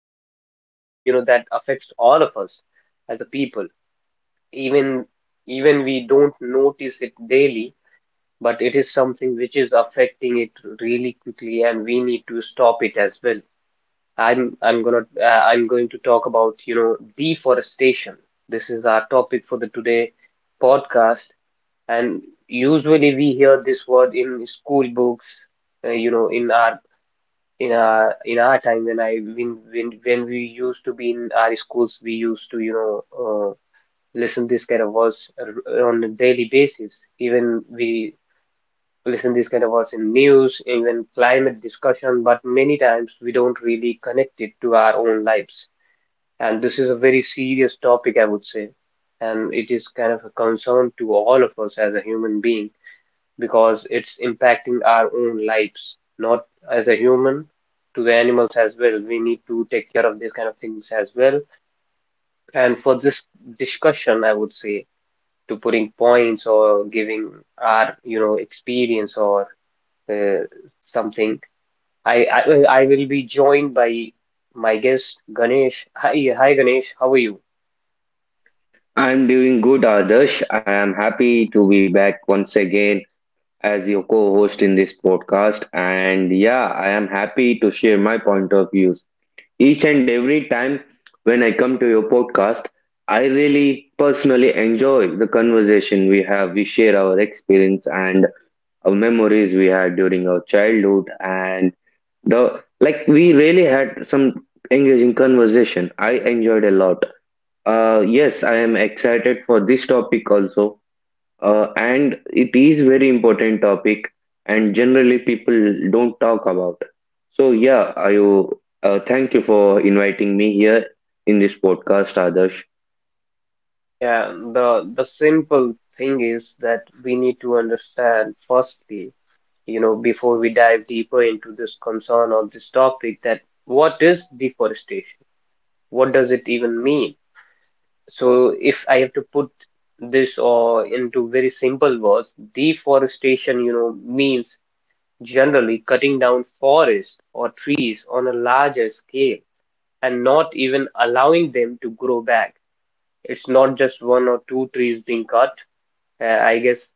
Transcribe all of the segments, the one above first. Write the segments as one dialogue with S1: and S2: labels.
S1: It is something, you know, that affects all of us as a people. Even even we don't notice it daily, but it is something which is affecting it really quickly, and we need to stop it as well. I'm going to talk about deforestation. This is our topic for the today podcast, and usually we hear this word in school books. Uh, you know, in our in our time when we used to be in our schools, we used to uh, listen this kind of words on a daily basis. Even we listen this kind of words in news, even climate discussion, but many times we don't really connect it to our own lives. And this is a very serious topic, I would say. And it is kind of a concern to all of us as a human being because it's impacting our own lives, not as a human, to the animals as well. We need to take care of these kind of things as well. And for this discussion, I would say, to putting points or giving our, you know, experience or uh, something, I, I I will be joined by my guest Ganesh. Hi, Ganesh, how are you?
S2: I'm doing good, Adarsh. I am happy to be back once again as your co-host in this podcast. And yeah, I am happy to share my point of views. Each and every time when I come to your podcast, I really personally enjoy the conversation we have. We share our experience and our memories we had during our childhood and the like we really had some engaging conversation. I enjoyed a lot. Yes, I am excited for this topic also, and it is very important topic, and generally people don't talk about. So yeah, I thank you for inviting me here in this podcast, Adarsh.
S1: Yeah, the simple thing is that we need to understand firstly, you know, before we dive deeper into this concern or this topic, that what is deforestation? What does it even mean? So if I have to put this or into very simple words, deforestation, you know, means generally cutting down forests or trees on a larger scale and not even allowing them to grow back. It's not just one or two trees being cut. I guess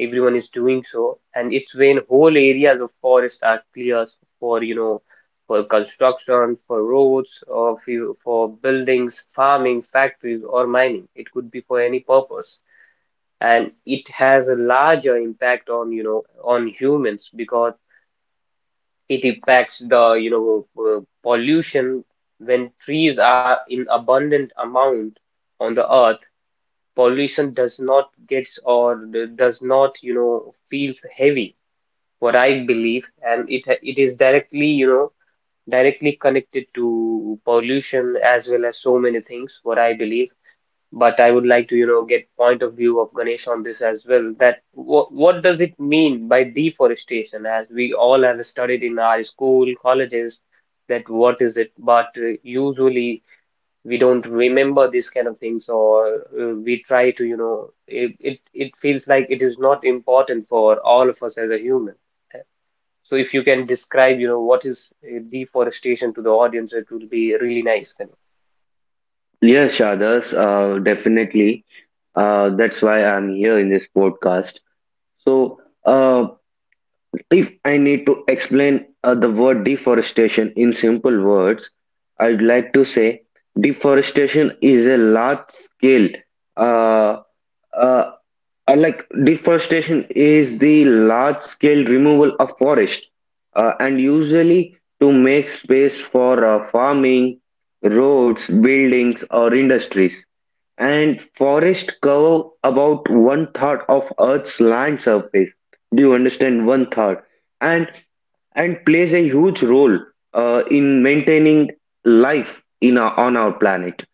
S1: everyone is doing so, and it's when whole areas of forest are cleared for, you know, for construction, for roads, or for buildings, farming, factories, or mining. It could be for any purpose. And it has a larger impact on, you know, on humans because it impacts the, pollution when trees are in abundant amount on the earth. Pollution does not gets does not, you know, feels heavy, what I believe, and it is directly, you know, directly connected to pollution as well as so many things, what I believe. But I would like to, you know, get point of view of Ganesh on this as well. That what does it mean by deforestation? As we all have studied in our school colleges that what is it, but usually we don't remember these kind of things, or we try to, you know, it feels like it is not important for all of us as a human. So if you can describe, you know, what is deforestation to the audience, it will be really nice then.
S2: Yes, Adarsh, definitely. That's why I'm here in this podcast. So if I need to explain the word deforestation in simple words, I'd like to say deforestation is a large scale uh, uh, like deforestation is the large scale removal of forest and usually to make space for farming, roads, buildings, or industries. And forest cover about one third of Earth's land surface. Do you understand? One third. And and plays a huge role in maintaining life in our, on our planet.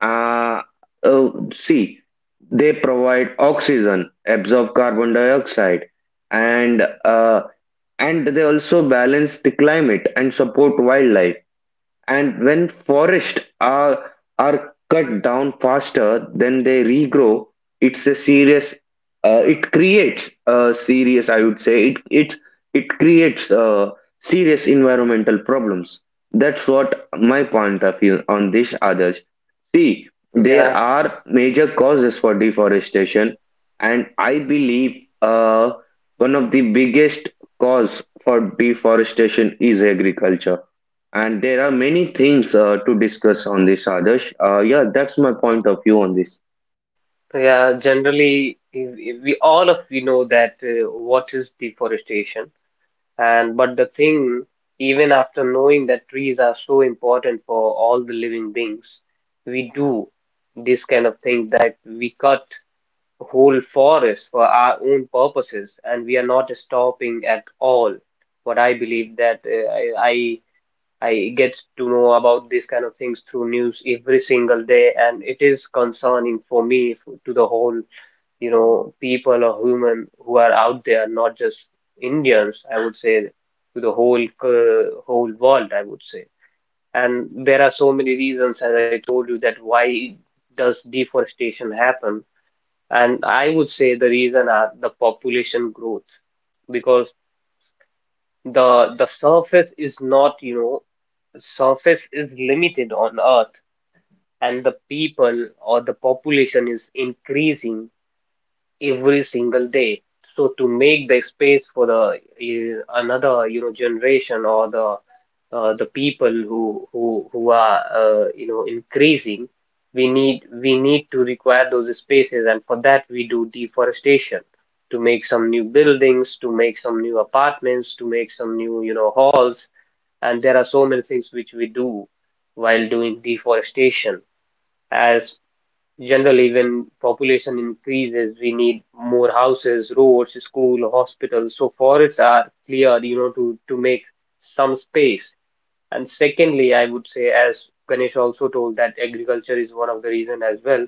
S2: Uh, see, they provide oxygen, absorb carbon dioxide, and uh, and they also balance the climate and support wildlife. And when forests are cut down faster than they regrow, it's a serious, it creates a serious, I would say, it creates serious environmental problems. That's what my point of view on this, others. See, there
S1: Yeah,
S2: are major causes for deforestation, and I believe one of the biggest cause for deforestation is agriculture and there are many things to discuss on this, Adarsh. Yeah, that's my point of view on this.
S1: yeah, generally if we all of we know that what is deforestation, and but the thing, even after knowing that trees are so important for all the living beings, we do this kind of thing that we cut whole forest for our own purposes, and we are not stopping at all, what I believe. That I get to know about these kind of things through news every single day, and it is concerning for me to the whole, you know, people or human who are out there, not just Indians, I would say. To the whole whole world, I would say. And there are so many reasons, as I told you, that why does deforestation happen. And I would say the reason are the population growth, because the surface is not, you know, surface is limited on Earth, and the people or the population is increasing every single day. So to make the space for the another, you know, generation or the people who are you know, increasing, we need to require those spaces, and for that we do deforestation, to make some new buildings, to make some new apartments, to make some new, you know, halls. And there are so many things which we do while doing deforestation. As generally when population increases, we need more houses, roads, school, hospitals, so forests are cleared, you know, to make some space. And secondly, I would say, as Ganesh also told, that agriculture is one of the reason as well.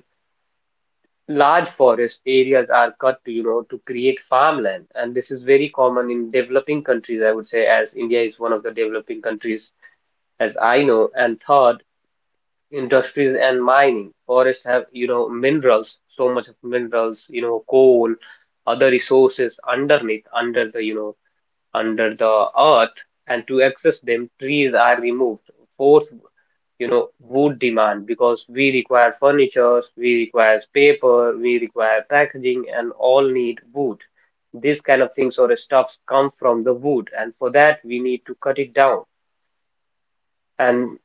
S1: Large forest areas are cut to, you know, to create farmland, and this is very common in developing countries, I would say, as India is one of the developing countries, as I know. And third, industries and mining. Forests have, you know, minerals, so much of minerals, you know, coal, other resources underneath, under the, you know, under the earth, and to access them, trees are removed. Fourth, you know, wood demand, because we require furniture, we require paper, we require packaging, and all need wood. These kind of things or stuffs come from the wood, and for that we need to cut it down. And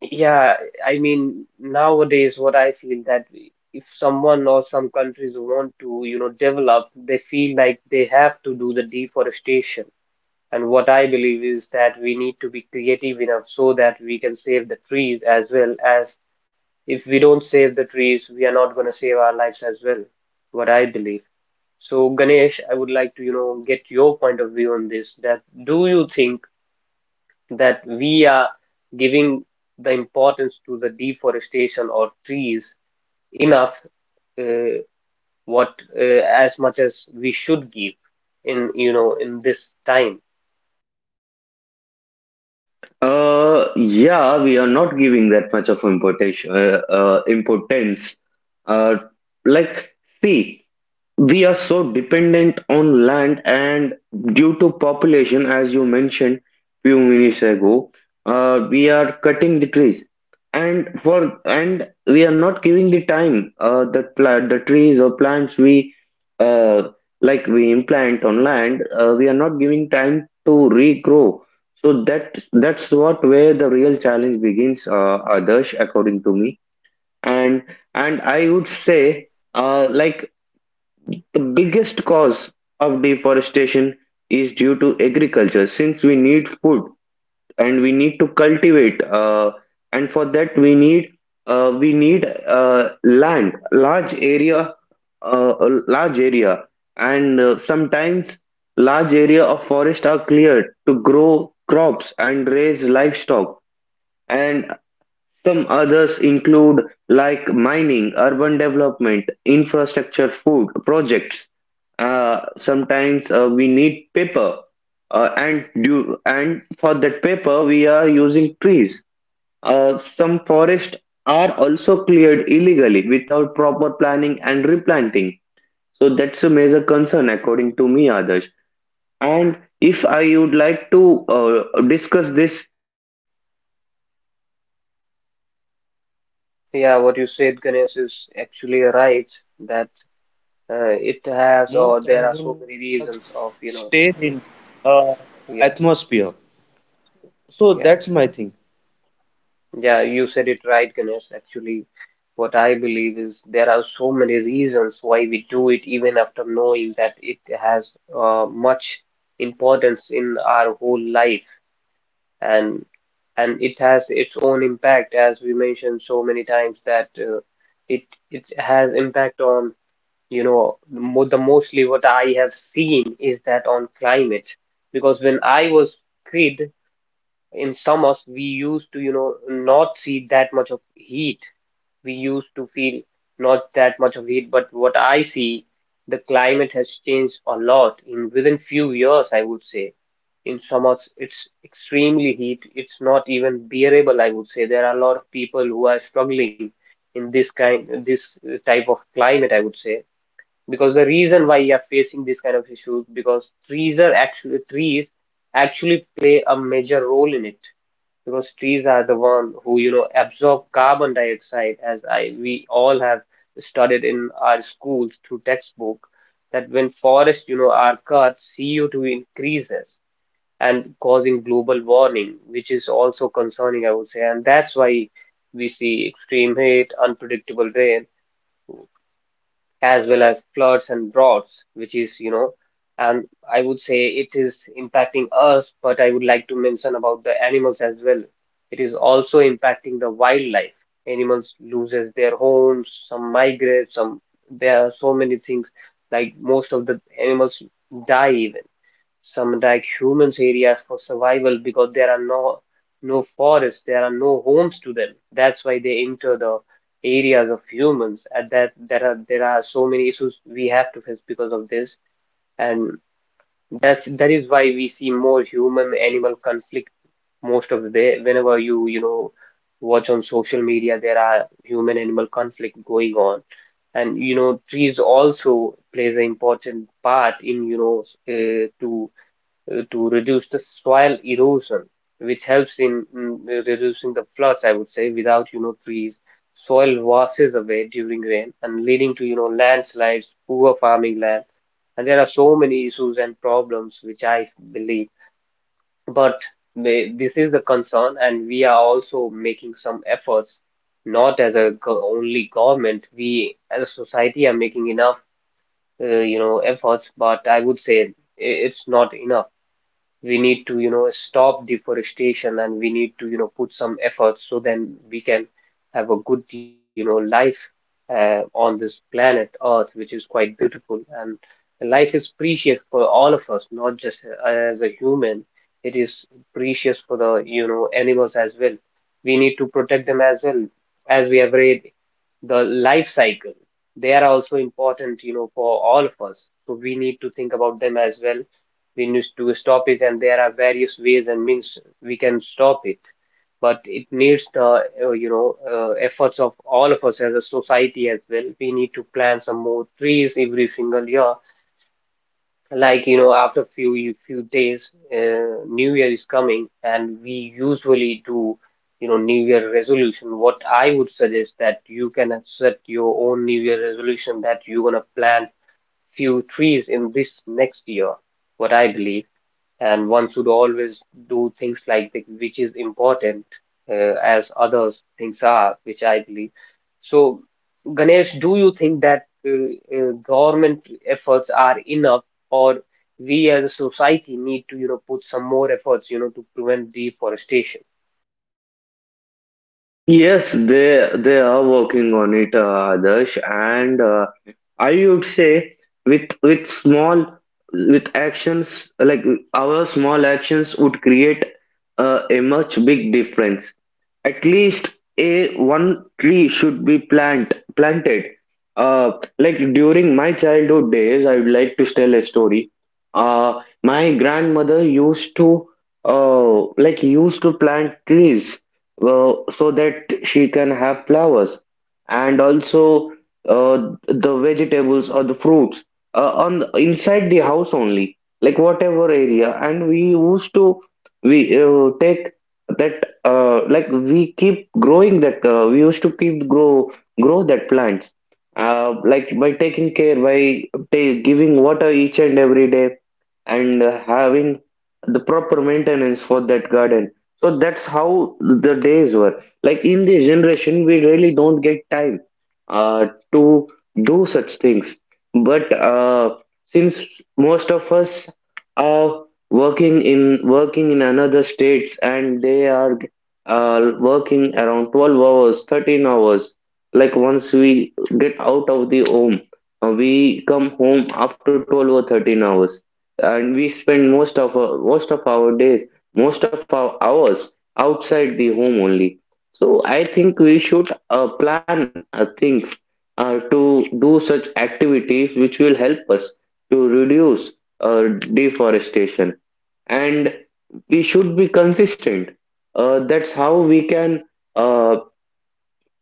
S1: yeah, I mean, nowadays what I feel that if someone or some countries want to, you know, develop, they feel like they have to do the deforestation. And what I believe is that we need to be creative enough so that we can save the trees as well. As if we don't save the trees, we are not going to save our lives as well, what I believe. So Ganesh, I would like to, you know, get your point of view on this. That do you think that we are giving the importance to the deforestation or trees enough, uh, what as much as we should give in, you know, in this time?
S2: Yeah, we are not giving that much of importance. Uh, like, see, we are so dependent on land, and due to population, as you mentioned few minutes ago, we are cutting the trees, and for and we are not giving the time that pla the trees or plants uh, we implant on land, we are not giving time to regrow. So that's what where the real challenge begins, Adarsh, according to me, and and I would say. Like the biggest cause of deforestation is due to agriculture, since we need food and we need to cultivate, and for that we need land, large area, a large area, and sometimes large area of forest are cleared to grow crops and raise livestock, and some others include like mining, urban development, infrastructure, food projects. Sometimes we need paper, and for that paper we are using trees. Some forests are also cleared illegally without proper planning and replanting. So that's a major concern according to me, Adarsh. And if I would like to discuss this
S1: Yeah, what you said, Ganesh, is actually right. That it has,
S2: more
S1: or
S2: carbon
S1: there are so
S2: dioxide
S1: many reasons of,
S2: stays
S1: you
S2: in
S1: know,
S2: uh, atmosphere.
S1: yeah,
S2: So that's my thing.
S1: yeah, yeah, you said it right, Ganesh. Actually, what I believe is there are so many reasons why we do it, even after knowing that it has much importance in our whole life, and it has its own impact, as we mentioned so many times, that it it has impact on, you know, mo the mostly what I have seen is that on climate, because when I was kid in summers, we used to, you know, not see that much of heat. We used to feel not that much of heat, but what I see, the climate has changed a lot in within few years, I would say. In summers, it's extremely heat. It's not even bearable, I would say. There are a lot of people who are struggling in this kind, this type of climate, I would say, because the reason why you are facing this kind of issues, because trees actually play a major role in it, because trees are the one who, you know, absorb carbon dioxide, as I we all have studied in our schools through textbook, that when forests, you know, are cut, CO2 increases and causing global warming, which is also concerning, I would say. And that's why we see extreme heat, unpredictable rain, as well as floods and droughts, which is, you know, and I would say it is impacting us. But I would like to mention about the animals as well. It is also impacting the wildlife. Animals loses their homes, some migrate, some, there are so many things, like most of the animals die. Even some like humans areas for survival, because there are no, no forests, there are no homes to them, that's why they enter the areas of humans. And that there are so many issues we have to face because of this. And that is why we see more human animal conflict. Most of the day whenever you, you know, watch on social media, there are human animal conflict going on. And you know, trees also plays an important part in, you know, to reduce the soil erosion, which helps in reducing the floods, I would say. Without, you know, trees, soil washes away during rain and leading to, you know, landslides, poor farming land. And there are so many issues and problems which I believe. But they, this is the concern, and we are also making some efforts, not as a go only government. We as a society are making enough, you know, efforts, but I would say it's not enough. We need to, you know, stop deforestation, and we need to, you know, put some efforts, so then we can have a good, you know, life on this planet Earth, which is quite beautiful. And life is precious for all of us, not just as a human. It is precious for the, animals as well. We need to protect them as well, as we have read the life cycle. They are also important, for all of us. So we need to think about them as well. We need to stop it, and there are various ways and means we can stop it, but it needs the efforts of all of us as a society as well. We need to plant some more trees every single year. Like, after few days, new year is coming, and we usually do, you know, new year resolution. What I would suggest, that you can set your own new year resolution that you're going to plant few trees in this next year. What I believe, and one should always do things like that, which is important, as others things are, which I believe. So, Ganesh, do you think that government efforts are enough, or we as a society need to, put some more efforts, to prevent deforestation?
S2: Yes, they are working on it, Adarsh, and I would say with small with actions like our small actions would create a much big difference. At least a one tree should be planted. Uh, like during my childhood days, I would like to tell a story. Uh, my grandmother used to used to plant trees so that can have flowers and also uh, the vegetables or the fruits on the, inside the house only like whatever area and we used to we take that we used to keep grow that plants like by taking care by giving water each and every day and having the proper maintenance for that garden. So that's how the days were. Like in this generation, we really don't get time uh, to do such things. But since most of us are working in another states and they are working around 12 hours, 13 hours. Like once we get out of the home, we come home after 12 or 13 hours, and we spend most of our days, most of our hours outside the home only. So I think we should plan things to do such activities which will help us to reduce uh, deforestation and we should be consistent that's how we can uh,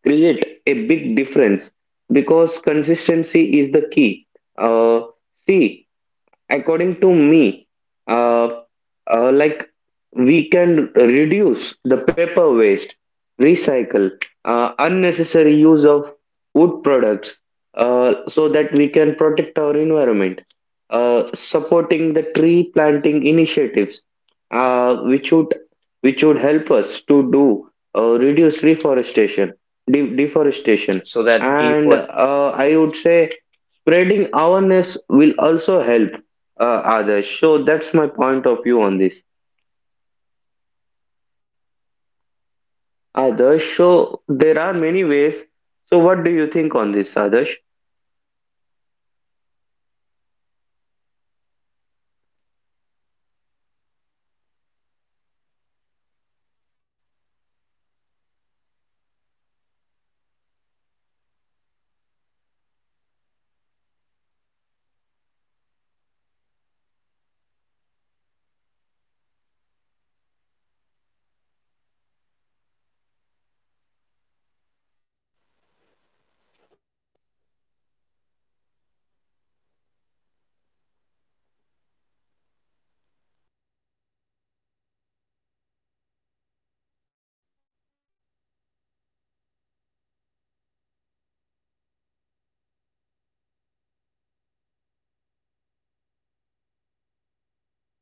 S2: create a big difference because consistency is the key. Uh, see according to me, uh, uh, like we can reduce the paper waste, recycle, unnecessary use of wood products, so that we can protect our environment.
S1: Yeah, Ganesh, you
S2: Supporting
S1: said
S2: the
S1: it's right
S2: tree
S1: that we
S2: planting
S1: can reduce
S2: initiatives,
S1: the
S2: uh,
S1: unnecessary,
S2: which would which would
S1: paper
S2: help
S1: waste, and
S2: us
S1: there
S2: to
S1: are so many
S2: do
S1: things we can
S2: reduce
S1: work upon it.
S2: reforestation,
S1: So that
S2: deforestation,
S1: deforestation,
S2: and I
S1: is,
S2: would say
S1: you know,
S2: spreading
S1: can be
S2: awareness
S1: stopped.
S2: will
S1: Yeah.
S2: also help,
S1: Yeah.
S2: Adarsh, so that's my point of view on this.
S1: Yeah, definitely Ganesh, whatever you said is right.
S2: Adarsh,
S1: We need
S2: so
S1: to.
S2: there are many ways. So what do you think on
S1: Definitely.
S2: this, Adarsh?
S1: Yeah, definitely Ganesh, what you said is right, and there are many ways and means through which we can stop it, or, and we will, we will do that as well. There are a lot of people making efforts, I know that. We need to put more efforts as well. What I believe is that uh, is that we need to educate more people, I would say. There are a lot of people who don't even know its importance in the life of a human or to the animals as well. So, firstly, we need to educate them that why, what is deforestation, why, how it impacts our own life, and how can we stop it. And that is the first step we need to do. And after that, we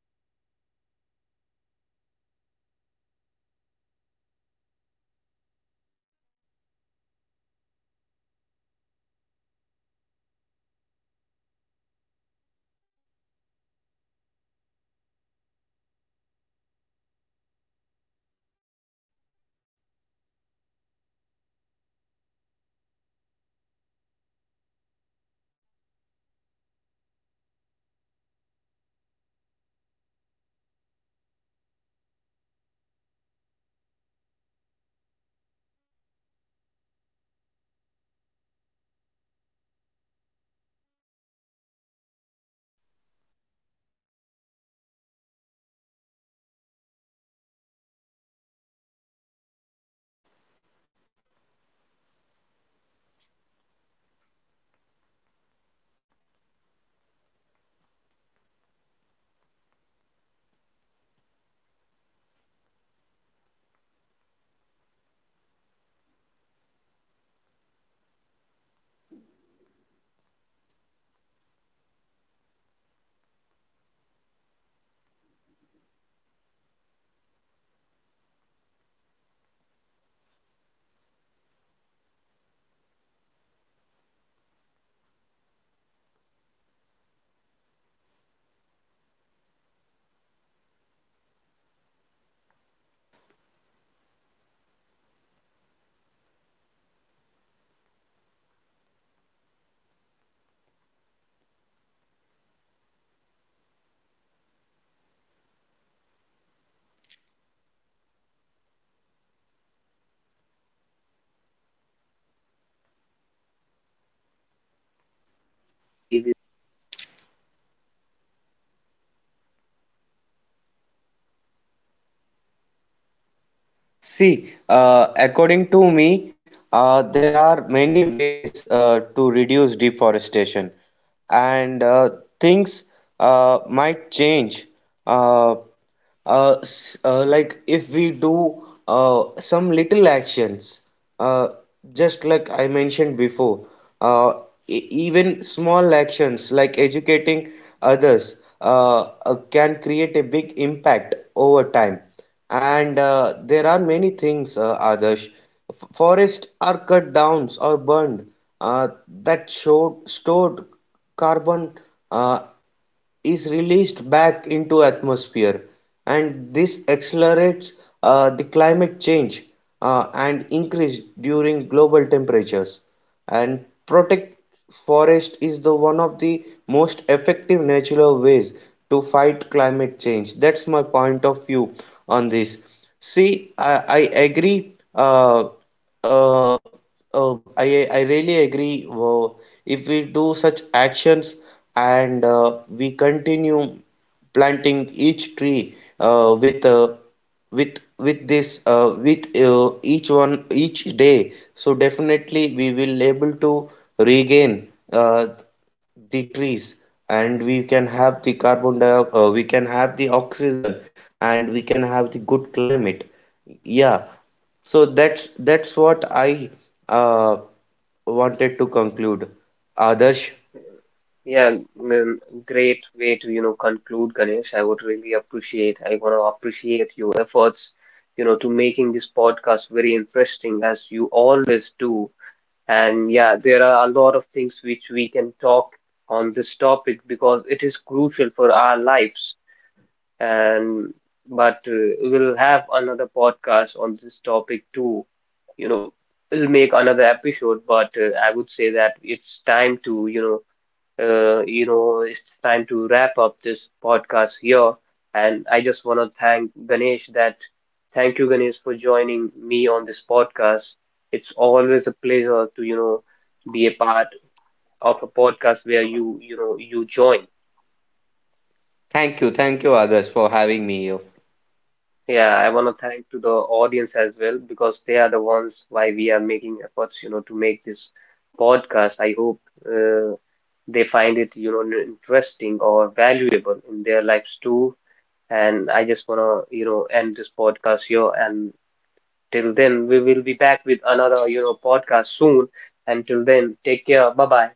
S1: we need to try, or we need to take their helps, you know, as a collective effort to, you know, do these kind of things. And what I believe, back then when I was a kid or I was a teenager, I had I had closely watched so many things which was terrible at that point of time. It scared me a lot back then. And what I feel is that there was a village, at my place nearby. And you know, for years, people, you know, used to cut trees for, you know, purpose like firewood, or or for small farming, I would say. And initially, you know, life became easier as they cut so many trees, and didn't plant much tree at that point of time. And they thought that there will be more land, more farming. But after, you know, 10, 15 years, what I see or what they saw, that rainfall, you know, reduced, well dried up, and crop yield decreased. People, you know, had to walk longer distances for waters. Later, they started planting trees again with government help, and after some years, water levels slowly improved. And that village understood lessons very clearly, short-term benefits, but they see the long-term loss, what I believe, and which is really important. There are, as Ganesh also said, that it is important to discuss about that how we can stop this, and and there are many ways that we can plant more trees, and we don't have to, you know, usually plant few trees. We need to plant abundant, and what I believe is that. As a, you know, collective or society efforts, we can reduce it. We can use resources wisely,
S2: See,
S1: as Ganesh also did.
S2: according to me, there are many ways to reduce deforestation, and things might change. Uh, like if we do some little actions, uh, just like I mentioned before, uh, even small actions like educating others can create a big impact over time. And there are many things, Adarsh. Forests are cut down or burned stored carbon uh, is released back into atmosphere and this accelerates the climate change and increase during global temperatures and protect forest is the one of the most effective natural ways to fight climate change. That's my point of view on this. I agree. Uh, uh, I I really agree. If we do such actions and we continue planting each tree with with this, with each one each day, so definitely we will able to regain uh, the trees and we can have the carbon dioxide, we can have the oxygen and we can have the good climate. Yeah, so that's what I uh, wanted to conclude. Adarsh,
S1: Yeah. mm, Great way to, you know, conclude, Ganesh. I would really appreciate. I want to appreciate your efforts, you know, to making this podcast very interesting as you always do. And yeah, there are a lot of things which we can talk on this topic because it is crucial for our lives. And but we'll have another podcast on this topic too. You know, we'll make another episode, but I would say that it's time to, it's time to wrap up this podcast here. And I just want to thank Ganesh that thank you, Ganesh, for joining me on this podcast. It's always a pleasure to, you know, be a part of a podcast where you, you join.
S2: thank you, Adarsh, for having me here.
S1: Yeah, I want to thank to the audience as well, because they are the ones why we are making efforts, you know, to make this podcast. I hope uh, they find it, you know, interesting or valuable in their lives too. And I just want to, you know, end this podcast here. And till then, we will be back with another, you know, podcast soon. Until then, take care. Bye bye.